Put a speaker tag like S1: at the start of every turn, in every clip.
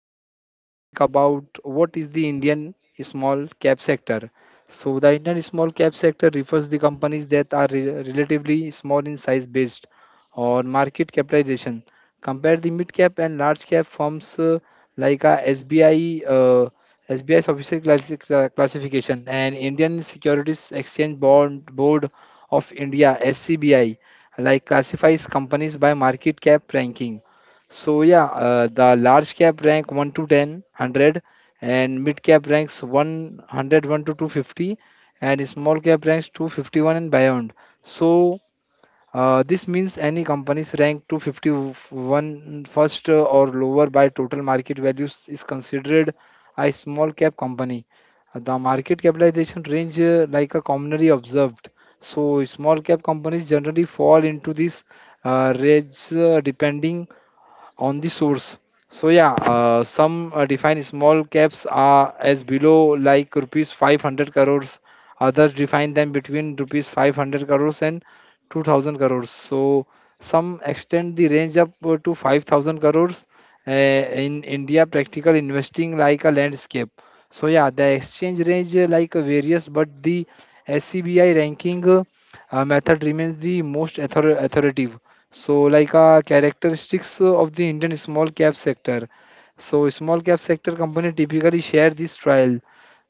S1: like topic about what is the Indian small cap sector. So, the Indian small cap sector refers the companies that are relatively small in size based on market capitalization. Compare the mid cap and large cap firms, like SBI. SBI's official classification and Indian Securities Exchange Bond Board of India (SCBI) like classifies companies by market cap ranking. So yeah, the large cap rank 1 to 10, 100, and mid cap ranks 101 to 250 and small cap ranks 251 and beyond. So, this means any company's rank 251 first or lower by total market values is considered a small cap company. The market capitalization range, like a commonly observed, so small cap companies generally fall into this range depending on the source. So yeah, some define small caps are as below like rupees 500 crores. Others define them between rupees 500 crores and 2000 crores. So some extend the range up to 5000 crores. In India, practical investing like a landscape. So yeah, the exchange range, like various, but the SCBI ranking method remains the most authoritative. So, like characteristics of the Indian small cap sector. So, small cap sector company typically share this trial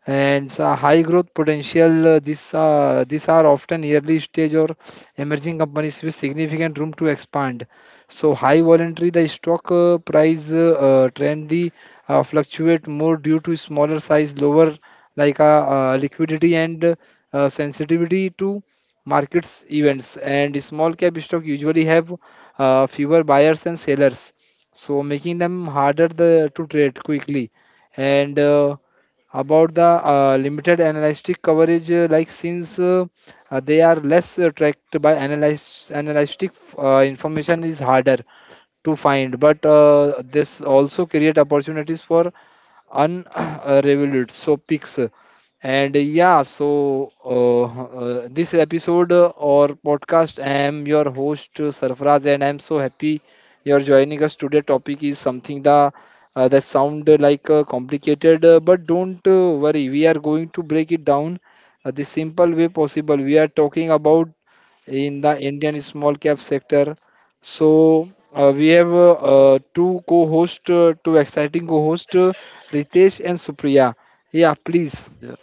S1: and so high growth potential. This These are often early stage or emerging companies with significant room to expand. So high volatility, the stock price trend the fluctuate more due to smaller size, lower liquidity and sensitivity to markets events. And small cap stock usually have fewer buyers and sellers, so making them harder to trade quickly and about the limited analytic coverage, like since they are less tracked by analyst analytic information is harder to find, but this also create opportunities for unrevealed so pics. And yeah, so this episode, or podcast, I am your host, Sarfraz, and I'm so happy you're joining us today. Topic is something the that sound like complicated, but don't worry, we are going to break it down the simple way possible. We are talking about in the Indian small cap sector. So we have two exciting co-host, Ritesh and Supriya. Yeah, please.
S2: Yeah,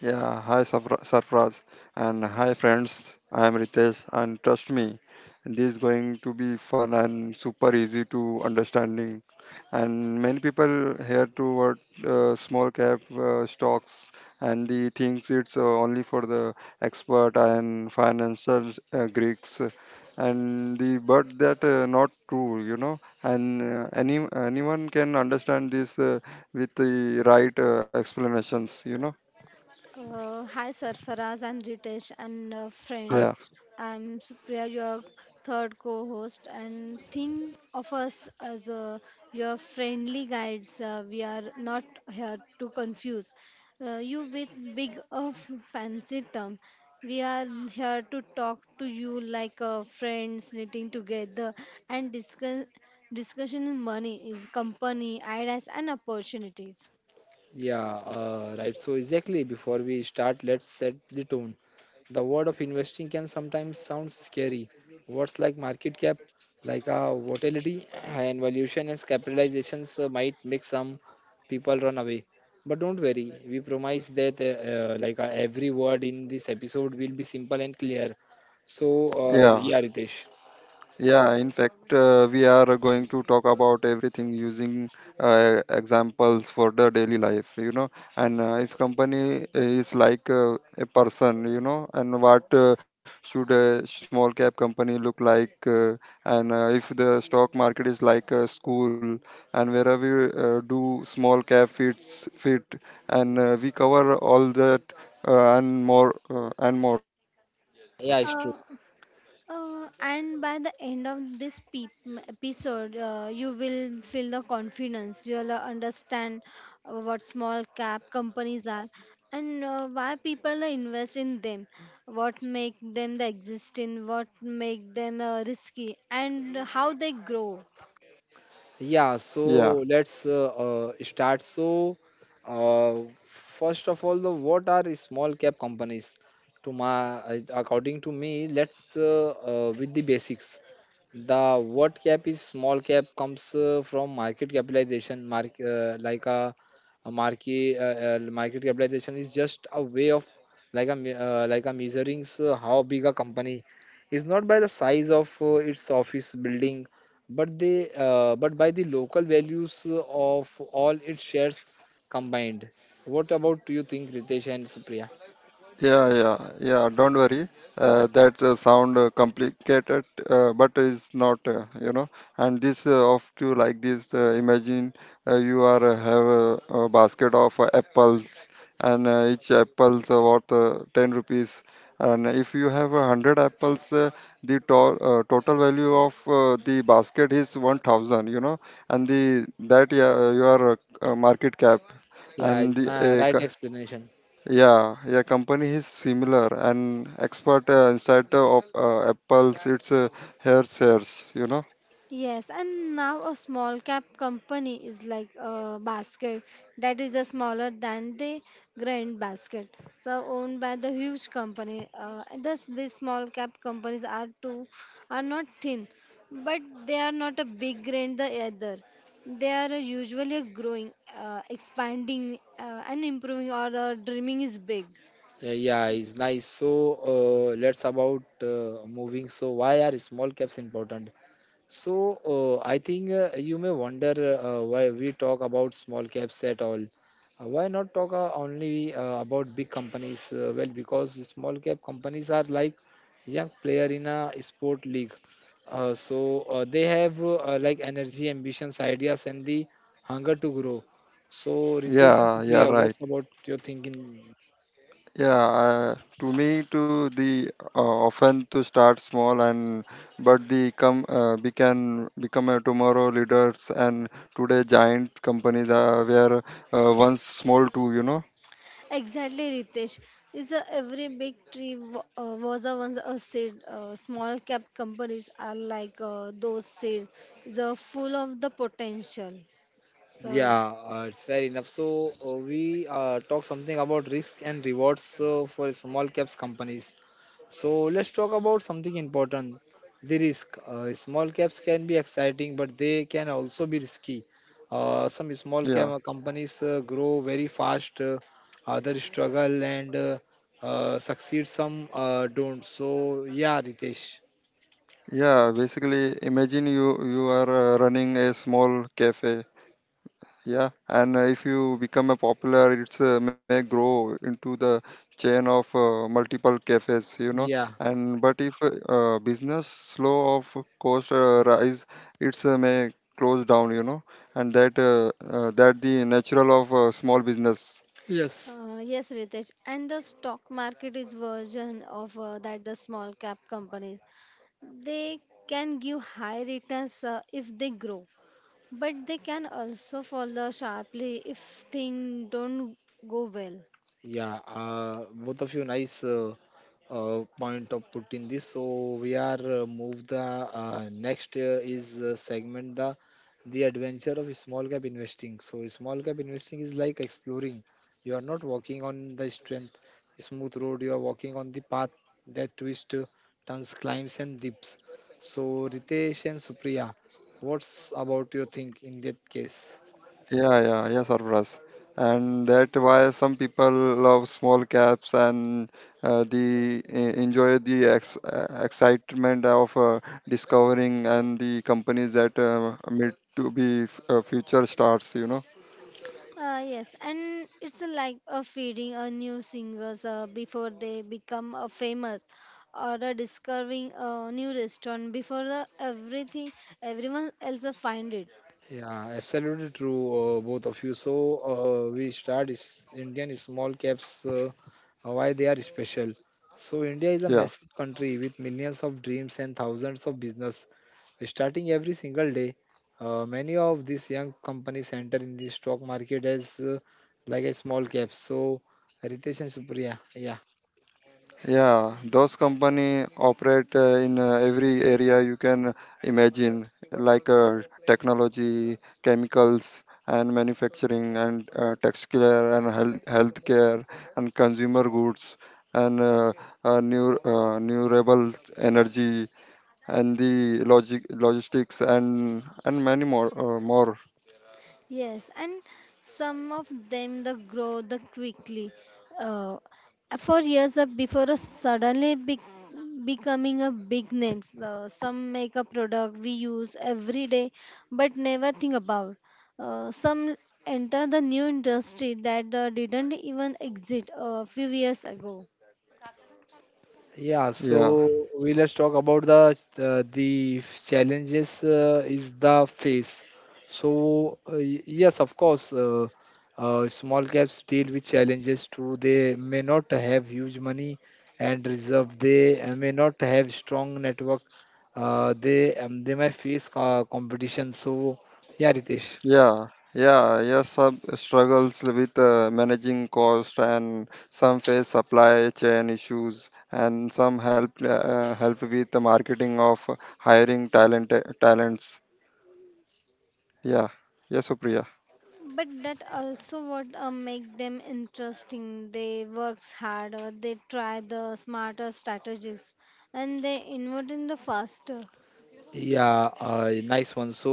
S2: yeah. Hi, Sarfraz, and hi, friends. I am Ritesh, and trust me, this is going to be fun and super easy to understanding. And many people here toward small cap stocks, and the things it's only for the expert and financial Greeks. And the but that not true. And anyone can understand this with the right explanations
S3: Hi Sarfaraz, I'm Ritesh and
S1: Hi.
S2: Yeah,
S3: friends. I'm Supriya, your third co-host, and think of us as your friendly guides. We are not here to confuse you with big of fancy term. We are here to talk to you like friends knitting together and discuss discussion in money is company ideas and opportunities.
S1: Yeah, right. So exactly before we start, let's set the tone. The word of investing can sometimes sound scary. Words like market cap, like volatility and valuation and capitalizations might make some people run away. But don't worry, we promise that like every word in this episode will be simple and clear. So,
S2: yeah,
S1: yeah, Ritesh,
S2: yeah. In fact, we are going to talk about everything using examples for the daily life. And if company is like a person, and what should a small cap company look like, and if the stock market is like a school, and wherever we do small cap fit, and we cover all that and more and more.
S1: yeah, it's true.
S3: And by the end of this episode, you will feel the confidence. You'll understand what small cap companies are, and why people invest in them, what make them the exist in, what make them risky, and how they grow.
S1: Yeah, so
S2: Yeah.
S1: let's start. So, uh, first of all, the what are the small cap companies? To my, according to me, let's with the basics. The What cap is small cap comes from market capitalization. Mark like a market Market capitalization is just a way of like a me- like a measuring so how big a company is, not by the size of its office building, but by the local values of all its shares combined. What about you think, Ritesh and Supriya?
S2: Yeah, yeah, yeah. Don't worry. That sound complicated, but it's not. And this of to like this. Imagine you are have a basket of apples, and each apples worth 10 rupees. And if you have 100 apples, the total value of the basket is 1,000. And the that yeah, your market cap
S1: Yeah,
S2: and
S1: it's
S2: the
S1: not right explanation.
S2: yeah, yeah, company is similar and expert inside of Apple's it's hair shares.
S3: Yes, and now a small cap company is like a basket that is the smaller than the grand basket. So owned by the huge company. And thus these small cap companies are too are not thin, but they are not a big grand the either. They are usually growing, expanding, and improving, or dreaming is big.
S1: Yeah, it's nice. So let's about moving. So why are small caps important? So I think you may wonder why we talk about small caps at all. Why not talk only about big companies? Well, because small cap companies are like young player in a sport league. So they have like energy, ambitions, ideas, and the hunger to grow. So, Ritesh and
S2: Yeah, yeah,
S1: Supriya, what's
S2: right.
S1: about your thinking?
S2: Yeah, to me, to the often to start small and but the come we can become a tomorrow leaders and today giant companies are where once small too.
S3: Exactly, Ritesh. It's a, every big tree was a once a seed. Small cap companies are like those seeds. It's a full of the potential. So
S1: Yeah, it's fair enough. So we talk something about risk and rewards for small caps companies. So let's talk about something important, the risk. Small caps can be exciting, but they can also be risky. Some small
S2: Yeah,
S1: cap companies grow very fast, others struggle and succeed, some don't. So yeah, Ritesh.
S2: yeah. Basically, imagine you are running a small cafe. Yeah, and if you become a popular, it's may grow into the chain of multiple cafes.
S1: Yeah.
S2: And but if business slow of cost rise, it's may close down. And that that the natural of small business.
S1: Yes.
S3: yes, Ritesh. And the stock market is version of that the small cap companies. They can give high returns if they grow, but they can also fall sharply if things don't go well.
S1: Yeah, both of you nice point of putting this. So we are move the next is segment the adventure of small cap investing. So small cap investing is like exploring. You are not walking on the strength smooth road. You are walking on the path that twists, turns, climbs and dips. So, Ritesh and Supriya, what's about your think in that case?
S3: Yes, and it's a like a feeding a new singers before they become famous, or a discovering a new restaurant before the everything everyone else find it.
S1: Yeah, absolutely true, both of you. So, we start is Indian small caps, why they are special. So, India is a massive country with millions of dreams and thousands of business starting every single day. Many of these young companies enter in the stock market as like a small cap. So, Ritesh and Supriya, yeah.
S3: Yes, and some of them the grow the quickly. Uh, for years before suddenly becoming a big names. Some make a product we use every day but never think about. Some enter the new industry that didn't even exist a few years ago.
S1: Yeah, so we let's talk about the challenges is the face. So, yes, of course, small caps deal with challenges too. They may not have huge money and reserve. They may not have strong network. They may face competition. So yeah, Ritesh.
S3: But that also what make them interesting. They works harder, they try the smarter strategies, and they innovate in the faster.
S1: Yeah, nice one. So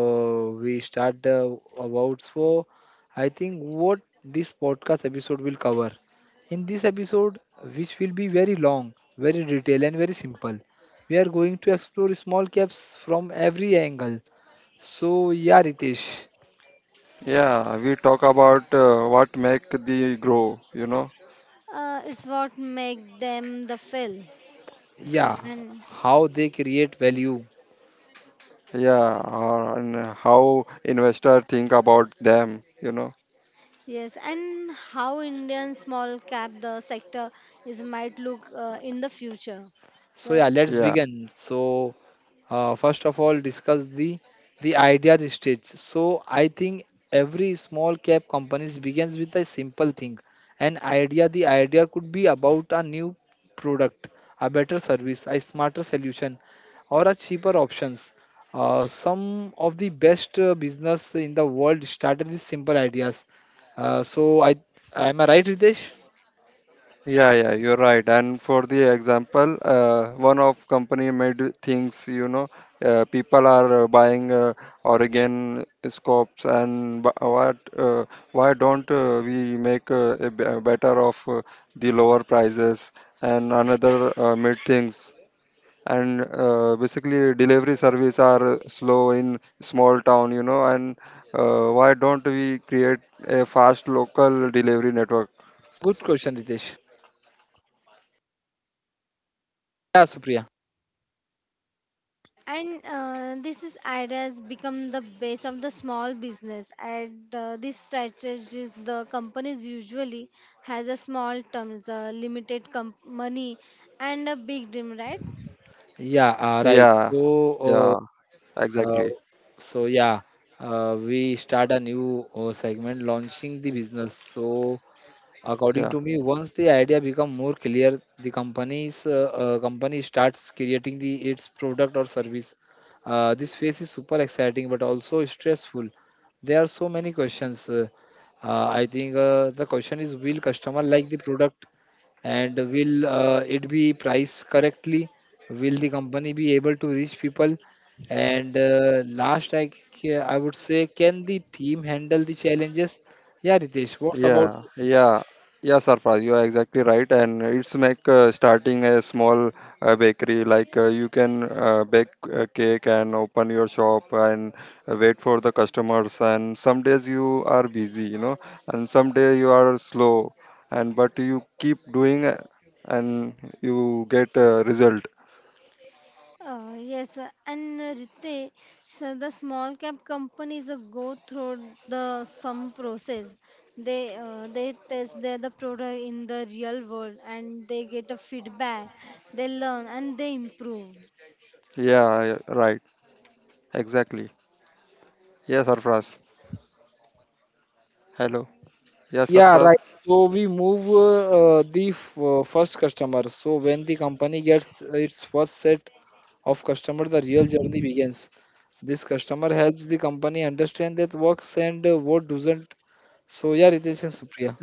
S1: we start about, so I think what this podcast episode will cover. In this episode, which will be very long, very detailed, and very simple, we are going to explore small caps from every angle. So yeah, Ritesh,
S3: It's what make them the fill.
S1: yeah,
S3: And
S1: how they create value.
S3: yes, and how Indian small cap the sector is might look in the future.
S1: So yeah,
S3: So.
S1: let's begin. So first of all discuss the idea stage. So I think every small cap companies begins with a simple thing, an idea. The idea could be about a new product, a better service, a smarter solution, or a cheaper options. Some of the best business in the world started with simple ideas. So I am I right, Ritesh? Good question, Ritesh. Yeah, Supriya.
S3: And this is ad has become the base of the small business. And this strategies the companies usually has a small terms, limited money, and a big dream, right?
S1: Yeah, right. So uh, Uh, so yeah, we start a new segment, launching the business. So, according to me, once the idea become more clear, the companies company starts creating the its product or service. This phase is super exciting but also stressful. There are so many questions. I think the question is, will customer like the product and will it be priced correctly? Will the company be able to reach people? And last, I would say, can the team handle the challenges? Yeah, Ritesh, what's about?
S3: Yes, and Rite, so the small cap companies go through the some process. They test their the product in the real world, and they get a feedback. They learn and they improve.
S1: Yeah, right. So we move first customer. So when the company gets its first set of customers, the real journey begins. This customer helps the company understand that works and what doesn't. So yeah, Ritesh and Supriya.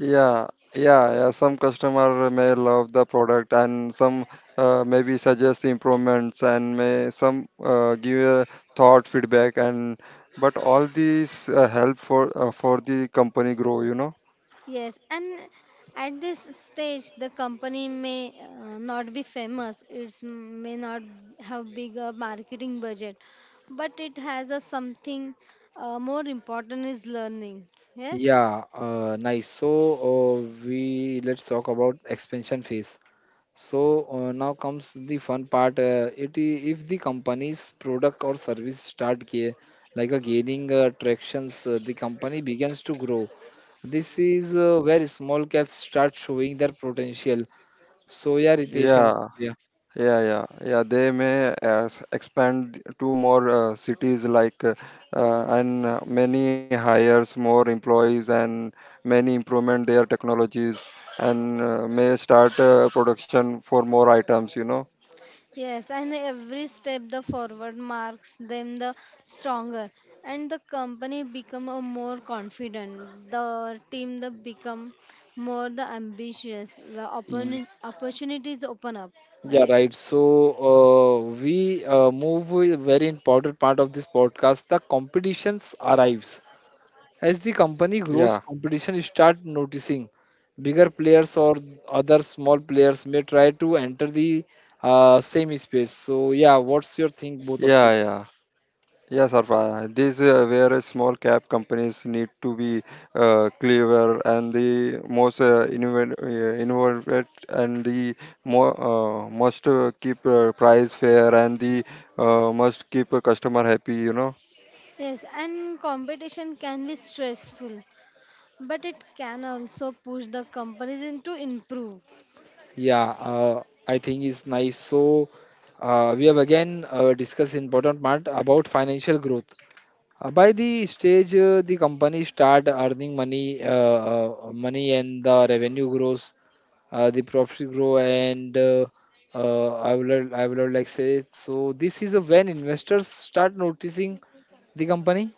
S3: Yes, and at this stage, the company may not be famous. It may not have big a marketing budget, but it has a something more important is learning. Yes,
S1: Yeah, nice. So we let's talk about expansion phase. So, now comes the fun part. If the company's product or service start ga- like a gaining tractions, the company begins to grow. This is where small caps start showing their potential. So yeah, Ritesh and Surya.
S3: yes, and every step the forward marks them the stronger, and the company become a more confident. The team the become more the ambitious. The
S1: Y-
S3: opportunities open up,
S1: Yeah,
S3: right?
S1: right. So we move with a very important part of this podcast. The competitions arrives. As the company grows, competition start noticing. Bigger players or other small players may try to enter the same space. So yeah, what's your think, both of you?
S3: Yes, and competition can be stressful, but it can also push the companies to improve.
S1: Yeah, I think it's nice. So we have again discussed important part about financial growth. By the stage, the company start earning money, money and the revenue grows, the profit grow, and I would like say so. This is a when investors start noticing the company.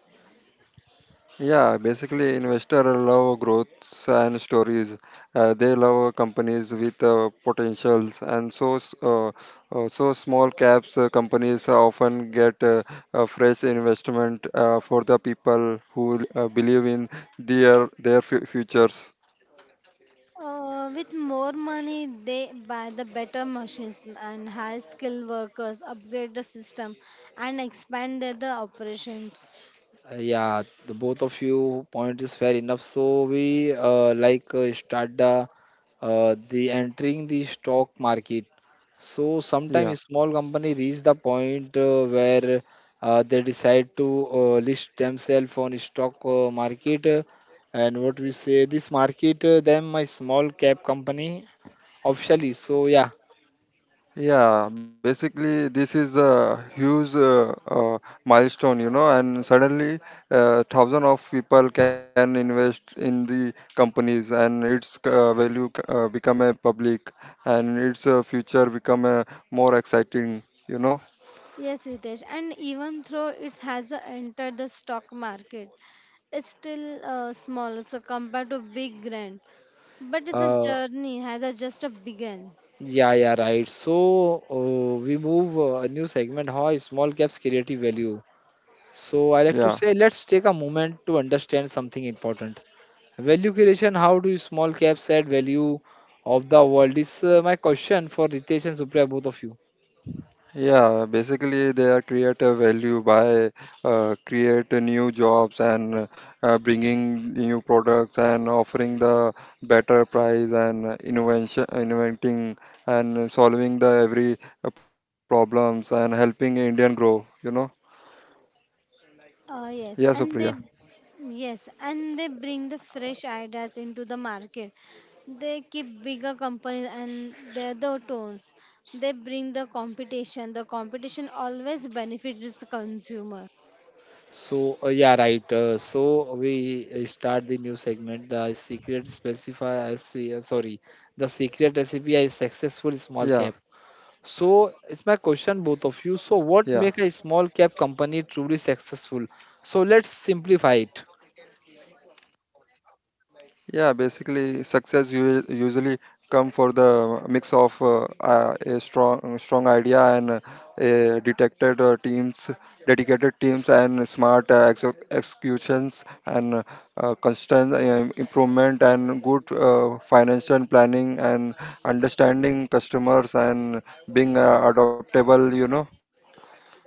S3: With more money, they buy the better machines and hire skilled workers, upgrade the system, and expand their the operations.
S1: Yeah, the both of you point is fair enough. So we like start the entering the stock market. So sometimes small company reach the point where they decide to list themselves on stock market, and what we say this market them my small cap company officially. So yeah,
S3: Yes, Ritesh, and even though it has entered the stock market, it's still small so compared to big grand, but the
S1: uh,
S3: journey has just begun.
S1: yeah, yeah, right. So we move a new segment. How small caps creative value. So I like to say, let's take a moment to understand something important. Value creation, how do small caps add value of the world, is my question for Ritesh and Supriya, both of you.
S3: Uh, yes, and they yes, and they bring the fresh ideas into the market. They keep bigger companies and they're the tones. They bring the competition. The competition always benefits the consumer.
S1: So, yeah, right. So we start the new segment, the secret specify, se- sorry, the secret recipe is successful small cap. So it's my question, both of you. So what make a small cap company truly successful? So let's simplify it.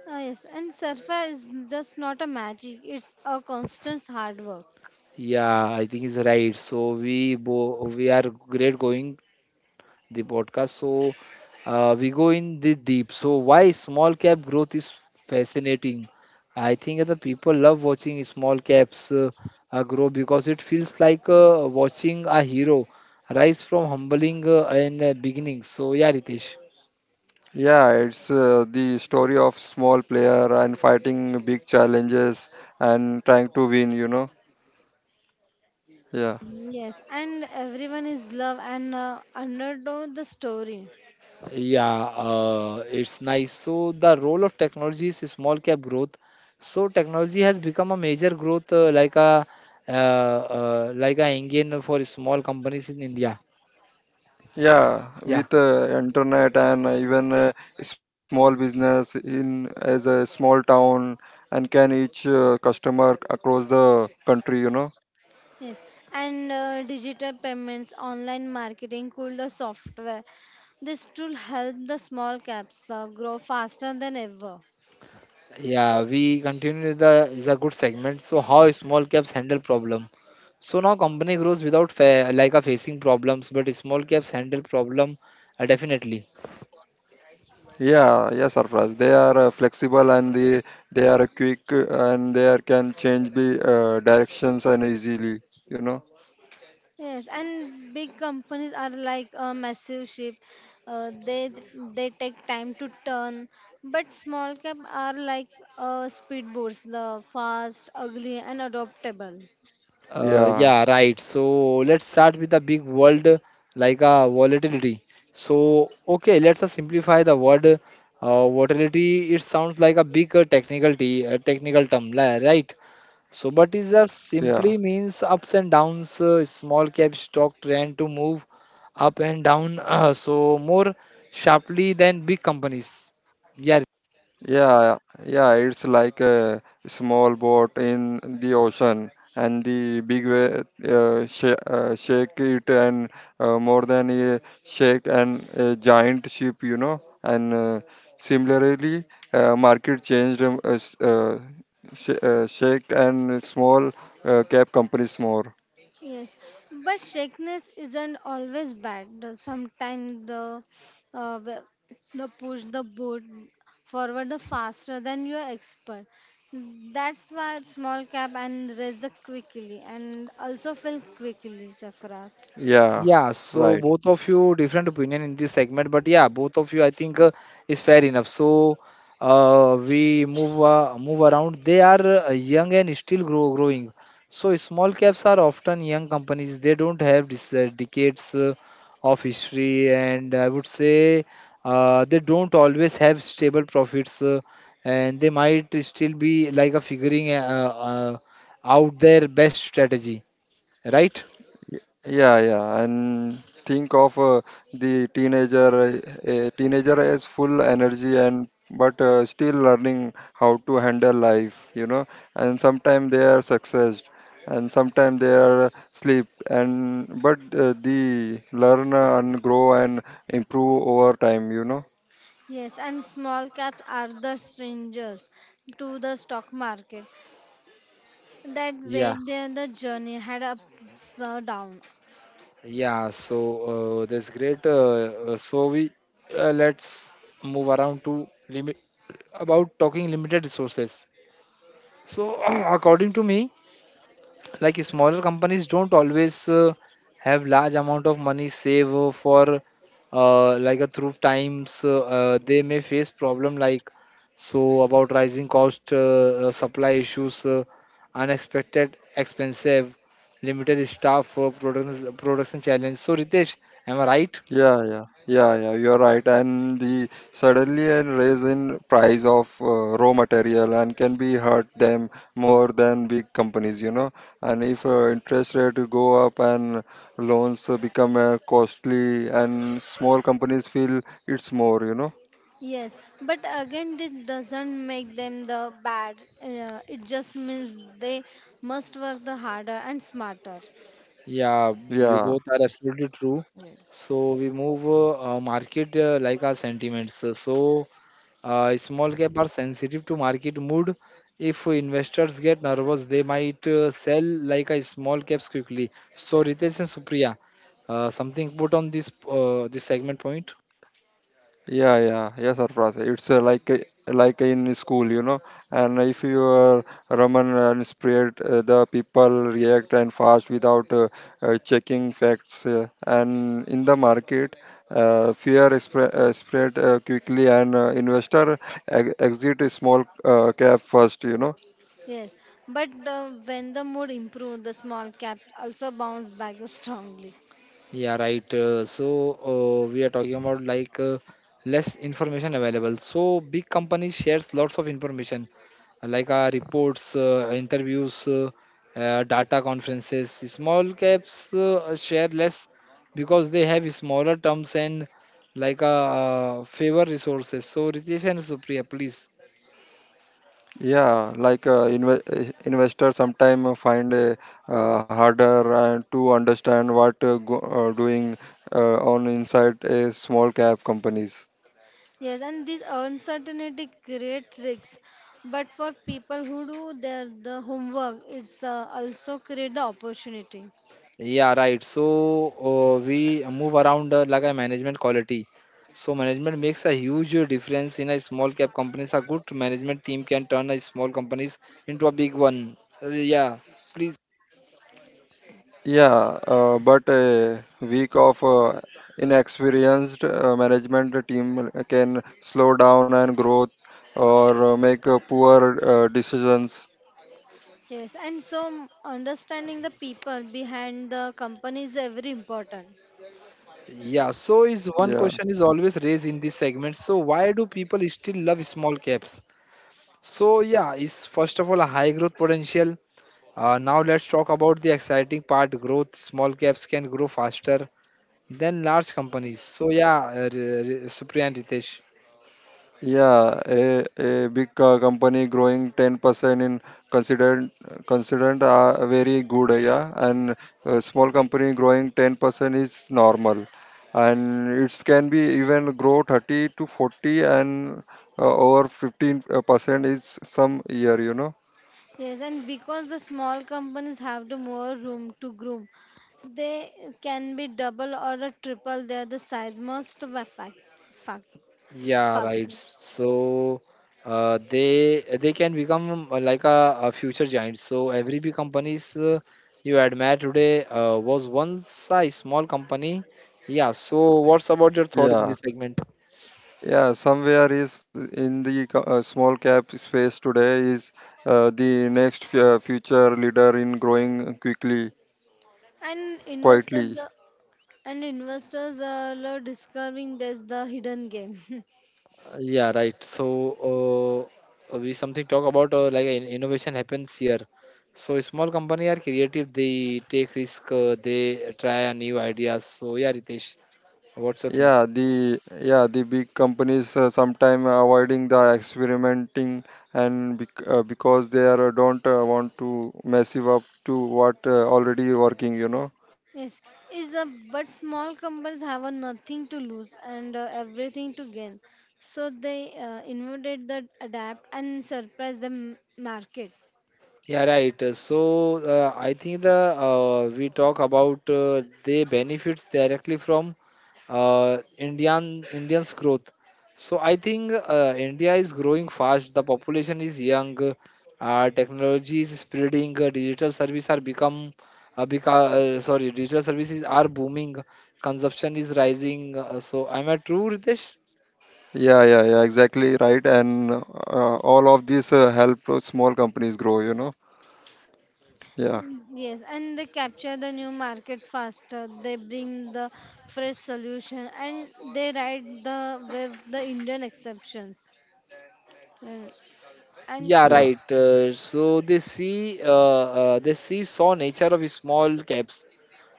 S3: Yes, and surfer is just not a magic. It's a constant hard work.
S1: Yeah, I think it's right. So we are great going the podcast. So we go in the deep. So why small cap growth is fascinating? I think the people love watching small caps grow because it feels like watching a hero rise from humbling and beginnings. So yeah, Ritesh.
S3: Yes, and everyone is love and underdog the story.
S1: Yeah, it's nice. So the role of technology is small cap growth. So technology has become a major growth, like a engine for small companies in India. Yeah,
S3: Yes, and digital payments, online marketing, cooler software. This tool help the small caps grow faster than ever.
S1: yeah. We continue the is a good segment. So how small caps handle problem? So now company grows without fa like a facing problems, but small caps handle problem definitely.
S3: Yes, and big companies are like a massive ship. They take time to turn, but small cap are like speedboats, the fast, ugly, and adaptable.
S1: Yeah, right. So let's start with the big world like volatility. So, okay, let's simplify the word volatility. It sounds like a big technical term, right? So, but it just simply means ups and downs. Small cap stock trend to move up and down, so more sharply than big companies. Yeah,
S3: Yes, but shakiness isn't always bad. Sometimes uh, the the push the boat forward the faster than you are expert. That's why small cap and raise the quickly and also fill quickly, Safras.
S1: yeah, so both of you different opinion in this segment, but yeah, both of you I think is fair enough. So we move around. They are young and still growing. So small caps are often young companies. They don't have this, decades of history, and I would say they don't always have stable profits, and they might still be like a figuring out their best strategy, right?
S3: Yes, and small caps are the strangers to the stock market. That way,
S1: Yeah.
S3: their the journey had ups down.
S1: Yeah, so that's great. So we let's move around to limit about talking limited resources. So according to me, like smaller companies don't always have large amount of money save for like a through times, they may face problem like so about rising cost, supply issues, unexpected expensive limited staff, production challenge. So Ritesh, am I right?
S3: Yes, but again, this doesn't make them the bad. It just means they must work the harder and smarter.
S1: Yeah, you both are absolutely true. So we move, market, like our sentiments. Small cap are sensitive to market mood. If investors get nervous, they might sell like a small caps quickly. So Ritesh and Supriya, something put on this segment point.
S3: Yes, but when the mood improves, the small cap also bounce back strongly.
S1: Yeah, right. So we are talking about like less information available. So big companies shares lots of information like our reports, interviews, data conferences. Small caps share less because they have smaller terms and like favor resources. So Ritesh and Supriya, please.
S3: Yes, and this uncertainty creates risks. But for people who do their the homework, it's also create the opportunity.
S1: Yeah, right. So we move around like a management quality. So management makes a huge difference in a small cap companies. A good management team can turn a small companies into a big one. Yeah, please.
S3: Yes, and so understanding the people behind the company is very important.
S1: Yeah, so is one question is always raised in this segment. So why do people still love small caps? So yeah, is first of all a high growth potential. Now let's talk about the exciting part, growth. Small caps can grow faster than large companies. So yeah, Supriyan Ritesh.
S3: Yes, and because the small companies have the more room to groom, they can be double or a triple their the size most of a fact.
S1: Yeah,
S3: Faster.
S1: right. So they can become like a future giant. So every big companies you admire today was once a small company. Yeah. So what's about your thought in this segment?
S3: And investors the and investors are discovering there's the hidden game.
S1: Yeah, right. So we something talk about like innovation happens here. So small company are creative. They take risk. They try a new ideas. So yeah, Ritesh, what's your thing?
S3: Yes, is a but small companies have a nothing to lose and everything to gain, so they invented that adapt and surprise the market.
S1: Yeah, right. So I think the we talk about the benefits directly from Indian Indians growth. So I think India is growing fast. The population is young. Technology is spreading. Digital services are booming. Consumption is rising. So am I true, Ritesh?
S3: Mm, yes, and they capture the new market faster. They bring the fresh solution and they ride the wave the Indian exceptions. And, and
S1: Yeah, right. So they see saw nature of small caps.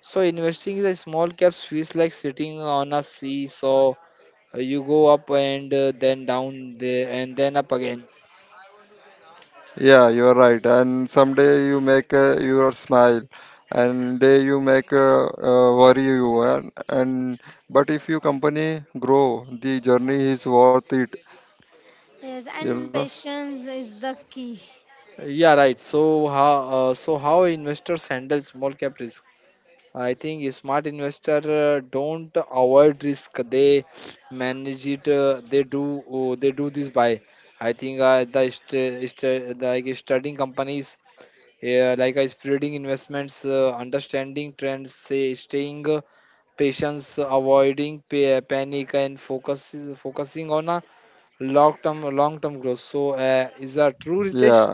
S1: So investing in the small caps feels like sitting on a seesaw. You go up and then down there and then up again.
S3: yes, and patience is the key.
S1: Yeah, right. So how investors handle small cap risk? I think a smart investor don't avoid risk. They manage it. They do this by. I think the like studying companies, like spreading investments, understanding trends, say staying patience, avoiding panic, and focusing on a long term growth. So, is that true, Ritesh?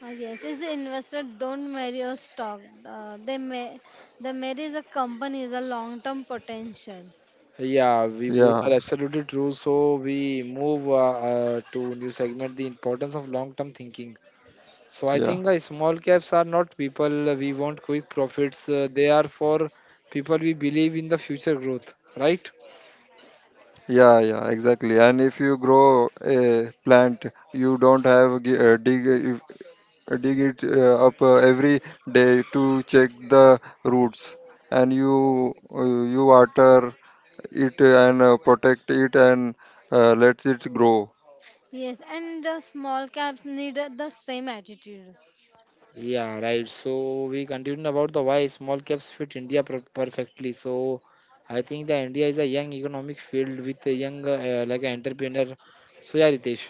S3: Yes, is the investor don't marry a stock. They may the marry the company is a long term potentials.
S1: Yeah, we both are absolutely true. So we move to new segment, the importance of long-term thinking. So I think small caps are not people we want quick profits. They are for people we believe in the future growth, right?
S3: Yes, and the small caps need the same attitude.
S1: Yeah, right. So we continue about the why small caps fit India perfectly. So I think that India is a young economic field with a young like an entrepreneur. So yeah, Ritesh.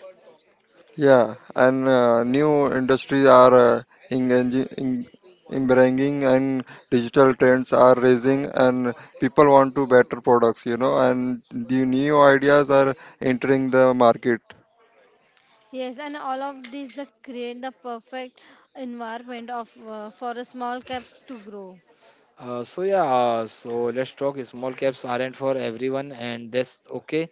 S3: Yes, and all of these the create the perfect environment of for a small caps to grow.
S1: So yeah, so let's talk. Small caps aren't for everyone, and that's okay.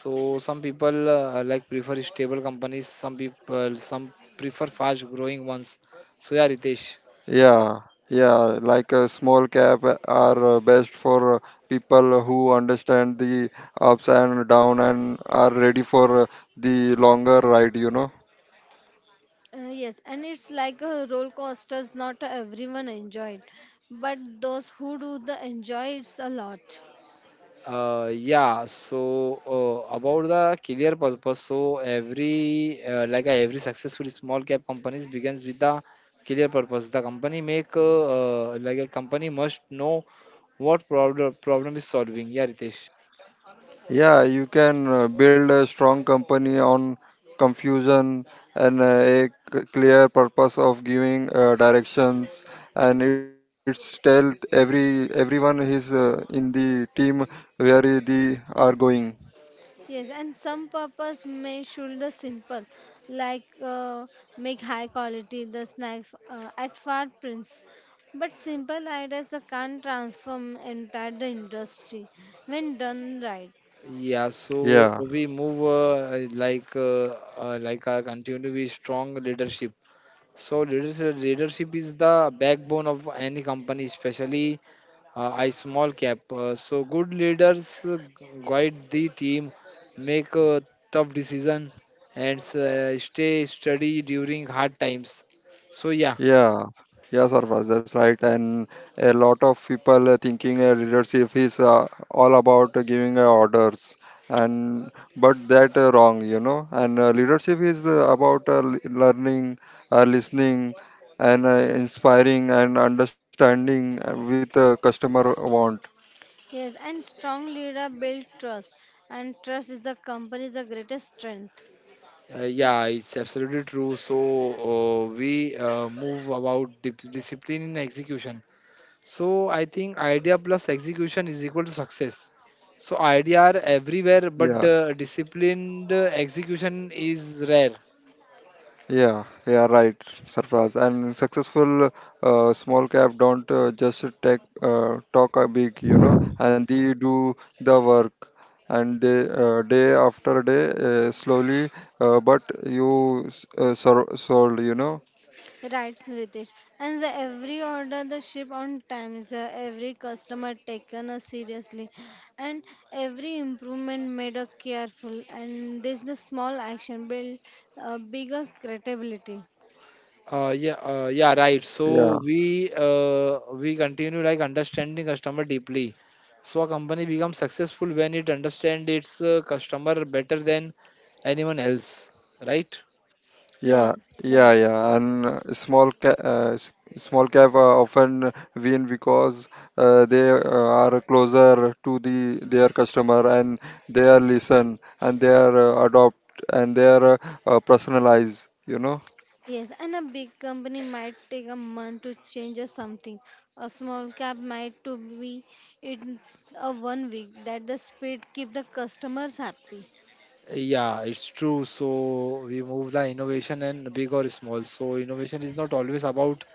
S1: So some people like prefer stable companies. Some people some prefer fast growing ones. So yeah, Ritesh.
S3: Yes, and it's like a roller coaster. Not everyone enjoy it, but those who do the enjoy it a lot.
S1: Yeah, so about the clear purpose. So every every successful small cap companies begins with the clear purpose. The company make like A company must know what problem is solving. Yeah, Ritesh.
S3: Yes, and some purpose may should the simple, like make high quality the snacks at far prints. But simple ideas can transform entire the industry when done right.
S1: Yeah, so we move continue with strong leadership. So leadership is the backbone of any company, especially I small cap. So good leaders guide the team, make tough decision, and stay steady during hard times. So yeah,
S3: Yes, and strong leader build trust, and trust is the company's the greatest strength. Yes,
S1: yeah, it's absolutely true. So we move about discipline in execution. So I think idea plus execution is equal to success. So idea are everywhere, but disciplined execution is rare.
S3: right, Ritesh. And the every order the ship on time, the every customer taken seriously, and every improvement made a careful, and this the small action build bigger credibility.
S1: Yeah, yeah, right. So we continue like understanding customer deeply. So a company becomes successful when it understands its customer better than anyone else, right?
S3: Yes, right. Yes, and a big company might take a month to change a something. A small cap might to be in a one week. That the speed keep the customers happy.
S1: Yeah, it's true. So we move the innovation and big or small. So innovation is not always about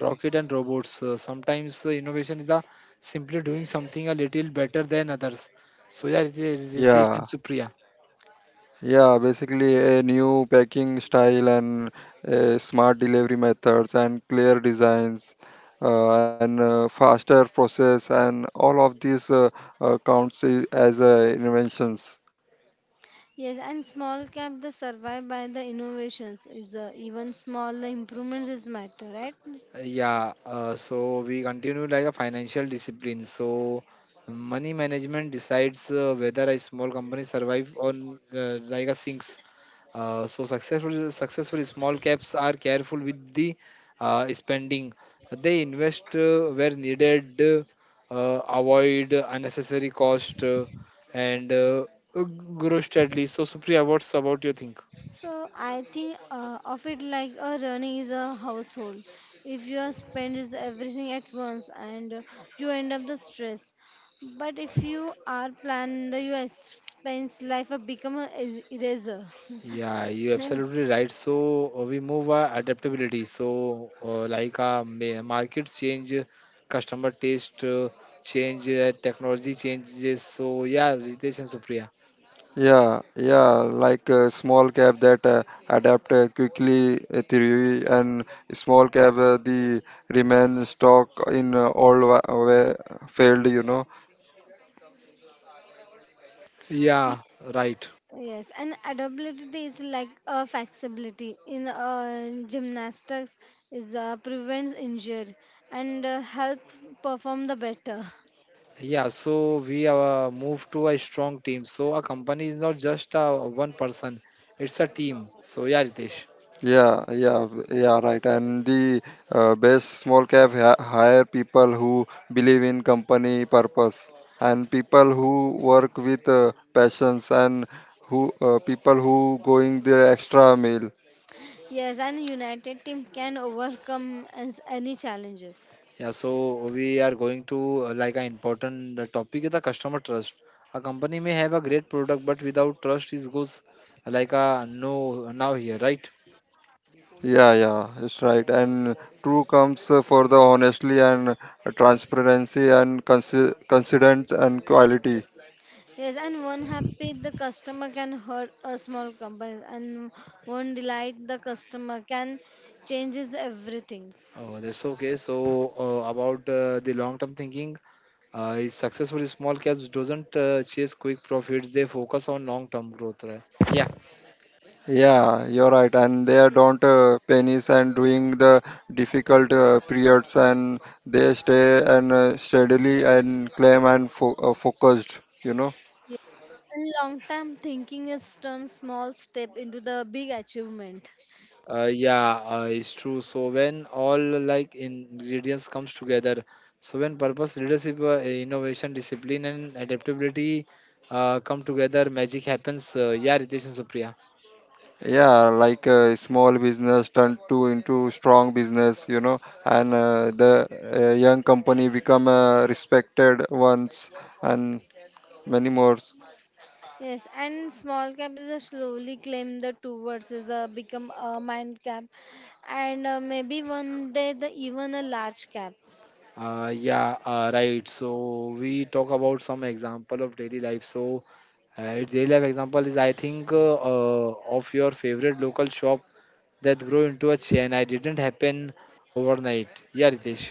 S1: rocket and robots. Sometimes innovation is the simply doing something a little better than others. So yeah, Ritesh and Supriya.
S3: Yes, and small cap the survive by the innovations is even small improvements is matter, right?
S1: Yeah, so we continue like a financial discipline. So money management decides whether a small company survive on like a sinks. So successful small caps are careful with the spending. They invest where needed, avoid unnecessary cost, and grow steadily. So Supriya, what's about your think?
S3: So I think of it like a running is a household. If you spend is everything at once and you end up the stress. But if you are planned, the you spends life a become a eraser.
S1: Yeah, you're
S3: Yes.
S1: absolutely right. So we move adaptability. So like markets change, customer taste change, technology changes. So yeah, Ritesh and Supriya. Yeah, right.
S3: Yes, and adaptability is like a flexibility in gymnastics is prevents injury and help perform the better.
S1: Yeah, so we move to a strong team. So a company is not just one person; it's a team. So yeah, Ritesh.
S3: Yes, and united team can overcome as any challenges.
S1: Yeah, so we are going to like an important topic is the customer trust. A company may have a great product, but without trust, it goes like a no now here, right?
S3: Yes, and one happy the customer can hurt a small company, and one delight the customer can changes everything.
S1: Oh, that's okay. So about the long-term thinking, is successful small caps doesn't chase quick profits; they focus on long-term growth, right? Yeah.
S3: Yes. And long term thinking is turn small step into the big achievement.
S1: Yeah, it's true. So when all like ingredients comes together, so when purpose, leadership, innovation, discipline, and adaptability come together, magic happens. Yeah, Ritesh and Supriya.
S3: Yes, and small cap is a slowly claim the two words is a become a mind cap, and maybe one day the even a large cap.
S1: Yeah, right. So we talk about some example of daily life. So daily life example is I think of your favorite local shop that grow into a chain. I didn't happen overnight. Yeah, Ritesh.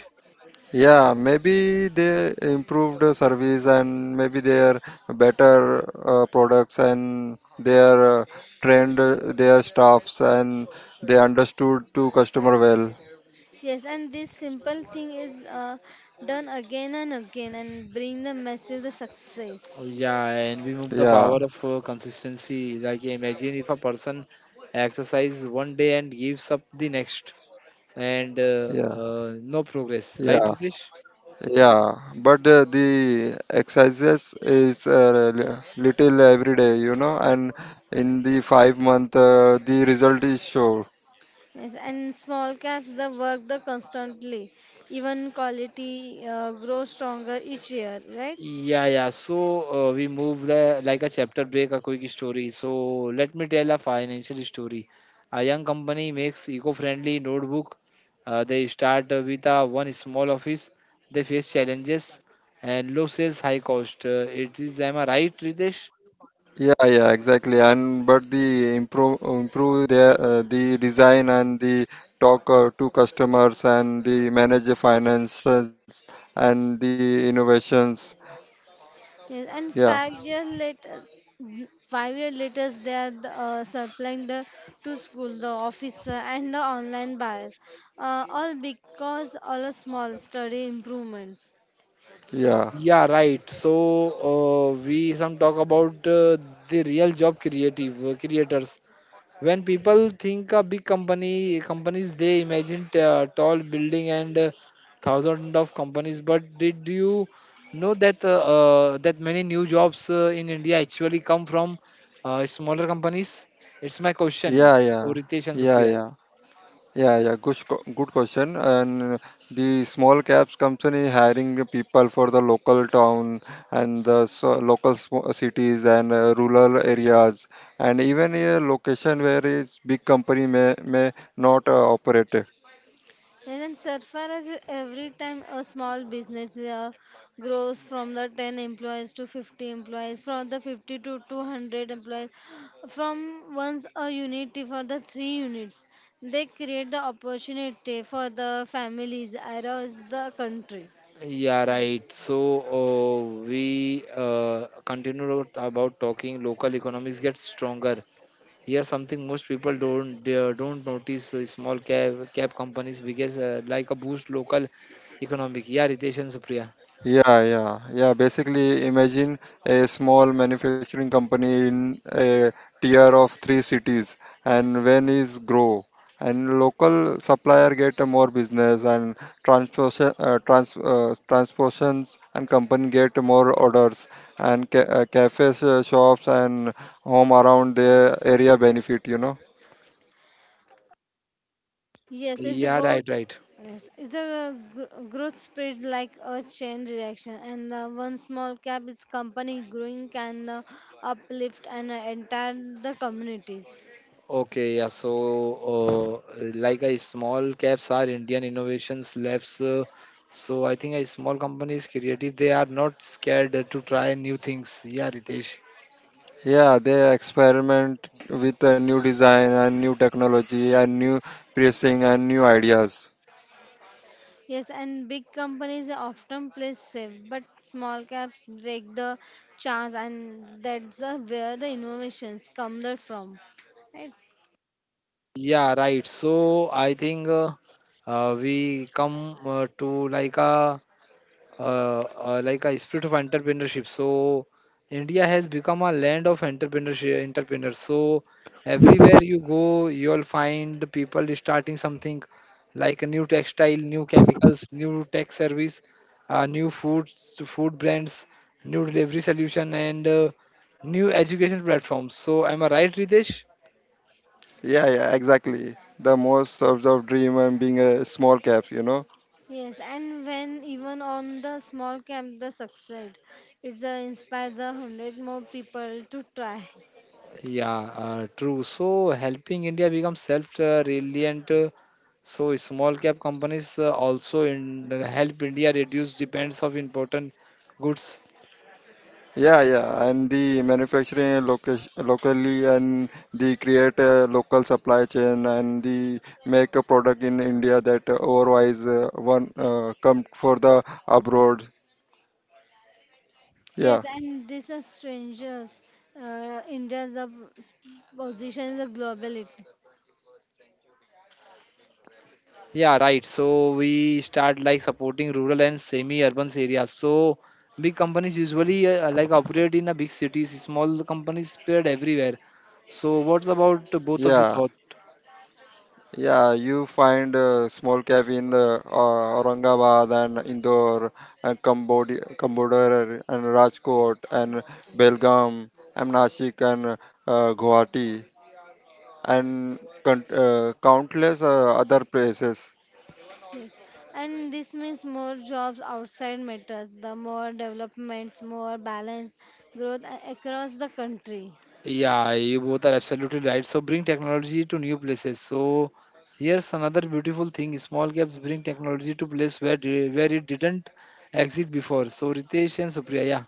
S3: Yes, and this simple thing is done again and again and bring the massive the
S1: Oh,
S3: success.
S1: yeah, and we move the power of consistency. Like imagine if a person exercises one day and gives up the next, and no progress, right, Ritesh?
S3: Yes, and small caps the work the constantly, even quality grows stronger each year, right?
S1: Yeah, yeah. So we move the like a chapter break, a quick story. So let me tell a financial story. A young company makes eco-friendly notebook. They start with a one small office. They face challenges and low sales, high cost. It is, am I right, Ritesh?
S3: Yes, and five year later they are the, supplying the to school, the officer and the online buyers, all because all a small study improvements.
S1: Yeah, right. So we some talk about the real job creative creators. When people think a big company companies, they imagine tall building and thousands of companies. But did you know that many new jobs in India actually come from smaller companies? It's my question. So Ritesh and Supriya.
S3: And then Surfar as every time a small business grows from the 10 employees to 50 employees, from the 50 to 200 employees, from once a unity for the three units, they create the opportunity for the families across the country.
S1: Yeah, right. So we continue about talking local economies get stronger. Here, something most people don't they don't notice small cab companies because like a boost local economic. Yeah, Ritesh and Supriya.
S3: Yes, it's a
S1: Yeah,
S3: good.
S1: right, right.
S3: Yes, it's a growth spread like a chain reaction, and one small cap is company growing can uplift and entire the communities.
S1: Okay, yeah. So, like a small caps are Indian innovations labs. So I think a small company is creative. They are not scared to try new things. Yeah, Ritesh.
S3: Yes, and big companies often play safe, but small caps break the chance, and that's where the innovations come there from. Right?
S1: Yeah, right. So I think we come to like a spirit of entrepreneurship. So India has become a land of entrepreneurship, entrepreneurs. So everywhere you go, you'll find people starting something like a new textile, new chemicals, new tech service, new foods, food brands, new delivery solution, and new education platforms. So am I right, Ritesh?
S3: Yes, and when even on the small cap, the succeed, it's inspire the 100 more people to try.
S1: Yeah, true. So helping India become self-reliant, so small cap companies also in, help India reduce dependence of important goods.
S3: Yes, and these are strangers. India's position is a globality.
S1: Yeah, right. So we start like supporting rural and semi-urban areas. So big companies usually like operate in a big cities. Small companies spread everywhere. So what's about both of you thought?
S3: Yes, and this means more jobs outside metros, the more developments, more balanced growth across the country.
S1: Yeah, you both are absolutely right. So bring technology to new places. So here's another beautiful thing. Small gaps bring technology to place where it didn't exist before. So Ritesh and Supriya, yeah.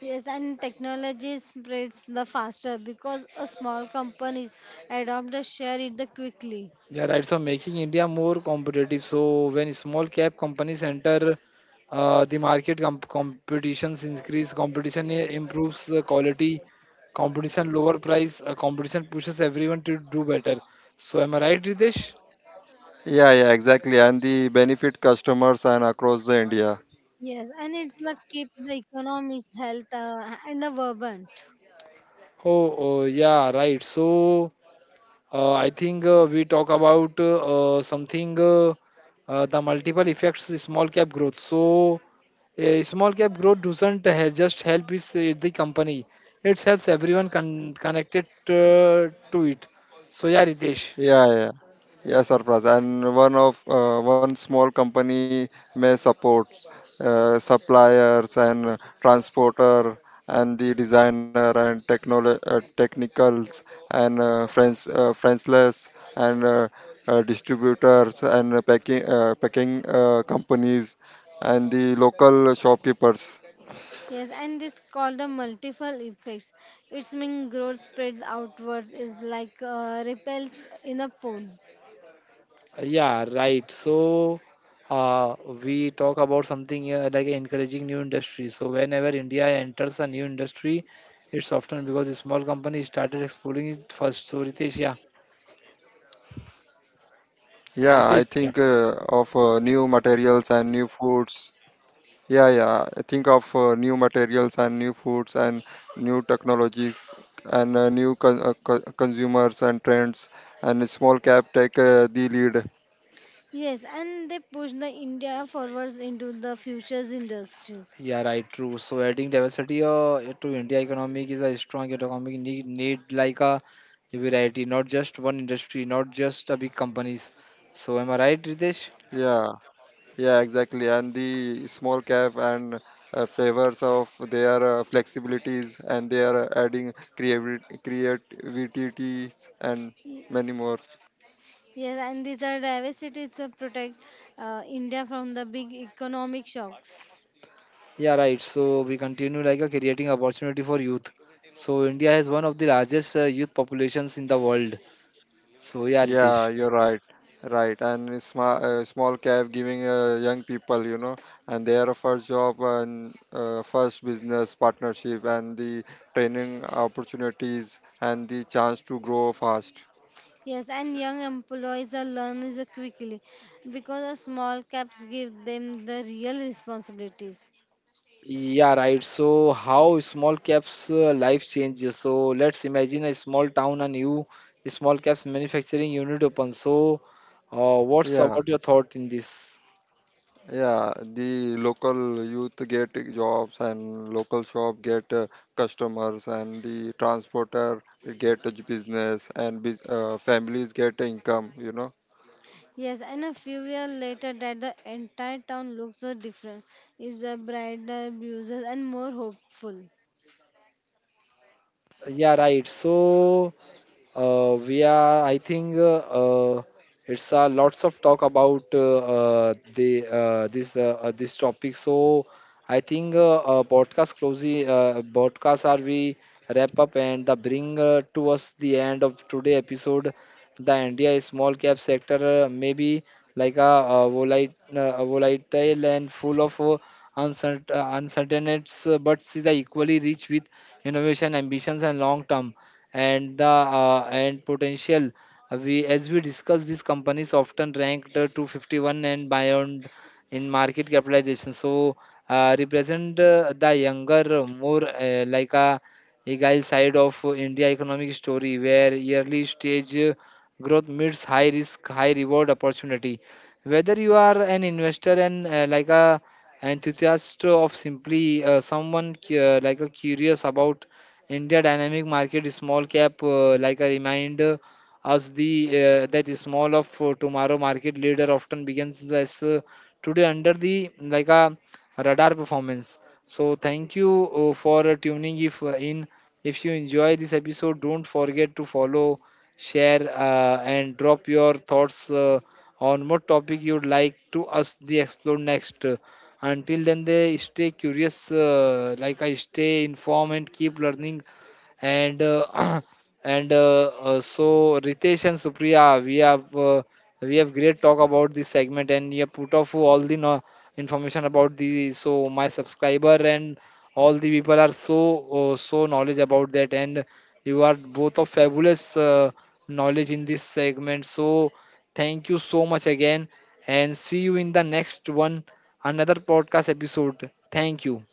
S3: Yes, and technology spreads the faster because a small companies adopt the share it the quickly.
S1: Yeah, right. So making India more competitive. So when small cap companies enter the market, competitions increase. Improves the quality. Competition lower price. Competition pushes everyone to do better. So am I right, Ritesh?
S3: Yes, and it's the keep the economy's health and the vibrant.
S1: Oh, oh yeah, right. So I think we talk about something the multiple effects small cap growth. So a small cap growth doesn't he- just help is the company. It helps everyone connected to it. So yeah, Ritesh.
S3: Yes, and this called the multiple effects. It's mean growth spreads outwards is like repels in a pond.
S1: Yeah, right. So uh, we talk about something like encouraging new industry. So whenever India enters a new industry, it's often because the small company started exploring it first. So Ritesh, yeah, Ritesh, yeah.
S3: Yes, and they push the India forwards into the futures industries.
S1: Yeah, right, true. So adding diversity to India economic is a strong economic need, need like a variety, not just one industry, not just a big companies. So am I right, Ritesh?
S3: Y- Yes, and these are diversities that protect India from the big economic shocks.
S1: Yeah, right. So we continue like a creating opportunity for youth. So India has one of the largest youth populations in the world. So yeah, Ritesh.
S3: Yes, and young employees are learn is quickly because the small caps give them the real responsibilities.
S1: Yeah, right. So, how small caps life changes. So, let's imagine a small town, a new small caps manufacturing unit opens. So, what's about your thought in this?
S3: Yes, and a few years later that the entire town looks different, is a brighter, busier and more hopeful.
S1: Yeah, right. So we are. I think it's lots of talk about the this this topic. So I think podcast closing podcast are we wrap up and the bring to us the end of today episode. The India small cap sector maybe like a, volatile, volatile and full of uncertain, uncertainties, but is equally rich with innovation, ambitions, and long term and potential. We, as we discussed, these companies often ranked to 51 and beyond in market capitalization. So represent the younger, more like a agile side of India economic story, where early stage growth meets high risk, high reward opportunity. Whether you are an investor and like a enthusiast of simply someone like a curious about India dynamic market small cap like a reminder us the that is small of tomorrow market leader often begins as today under the like a radar performance. So thank you for tuning if in, if you enjoy this episode, don't forget to follow, share and drop your thoughts on what topic you'd like to us the explore next. Until then, they stay curious, like I stay informed and keep learning. And and so Ritesh and Supriya, we have great talk about this segment, and you have put off all the information about the so my subscriber and all the people are so so knowledge about that, and you are both of fabulous knowledge in this segment. So thank you so much again, and see you in the next one, another podcast episode. Thank you.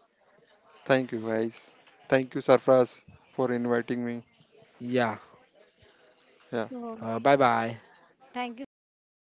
S1: Yeah.
S3: So
S1: Bye bye.
S3: thank you for inviting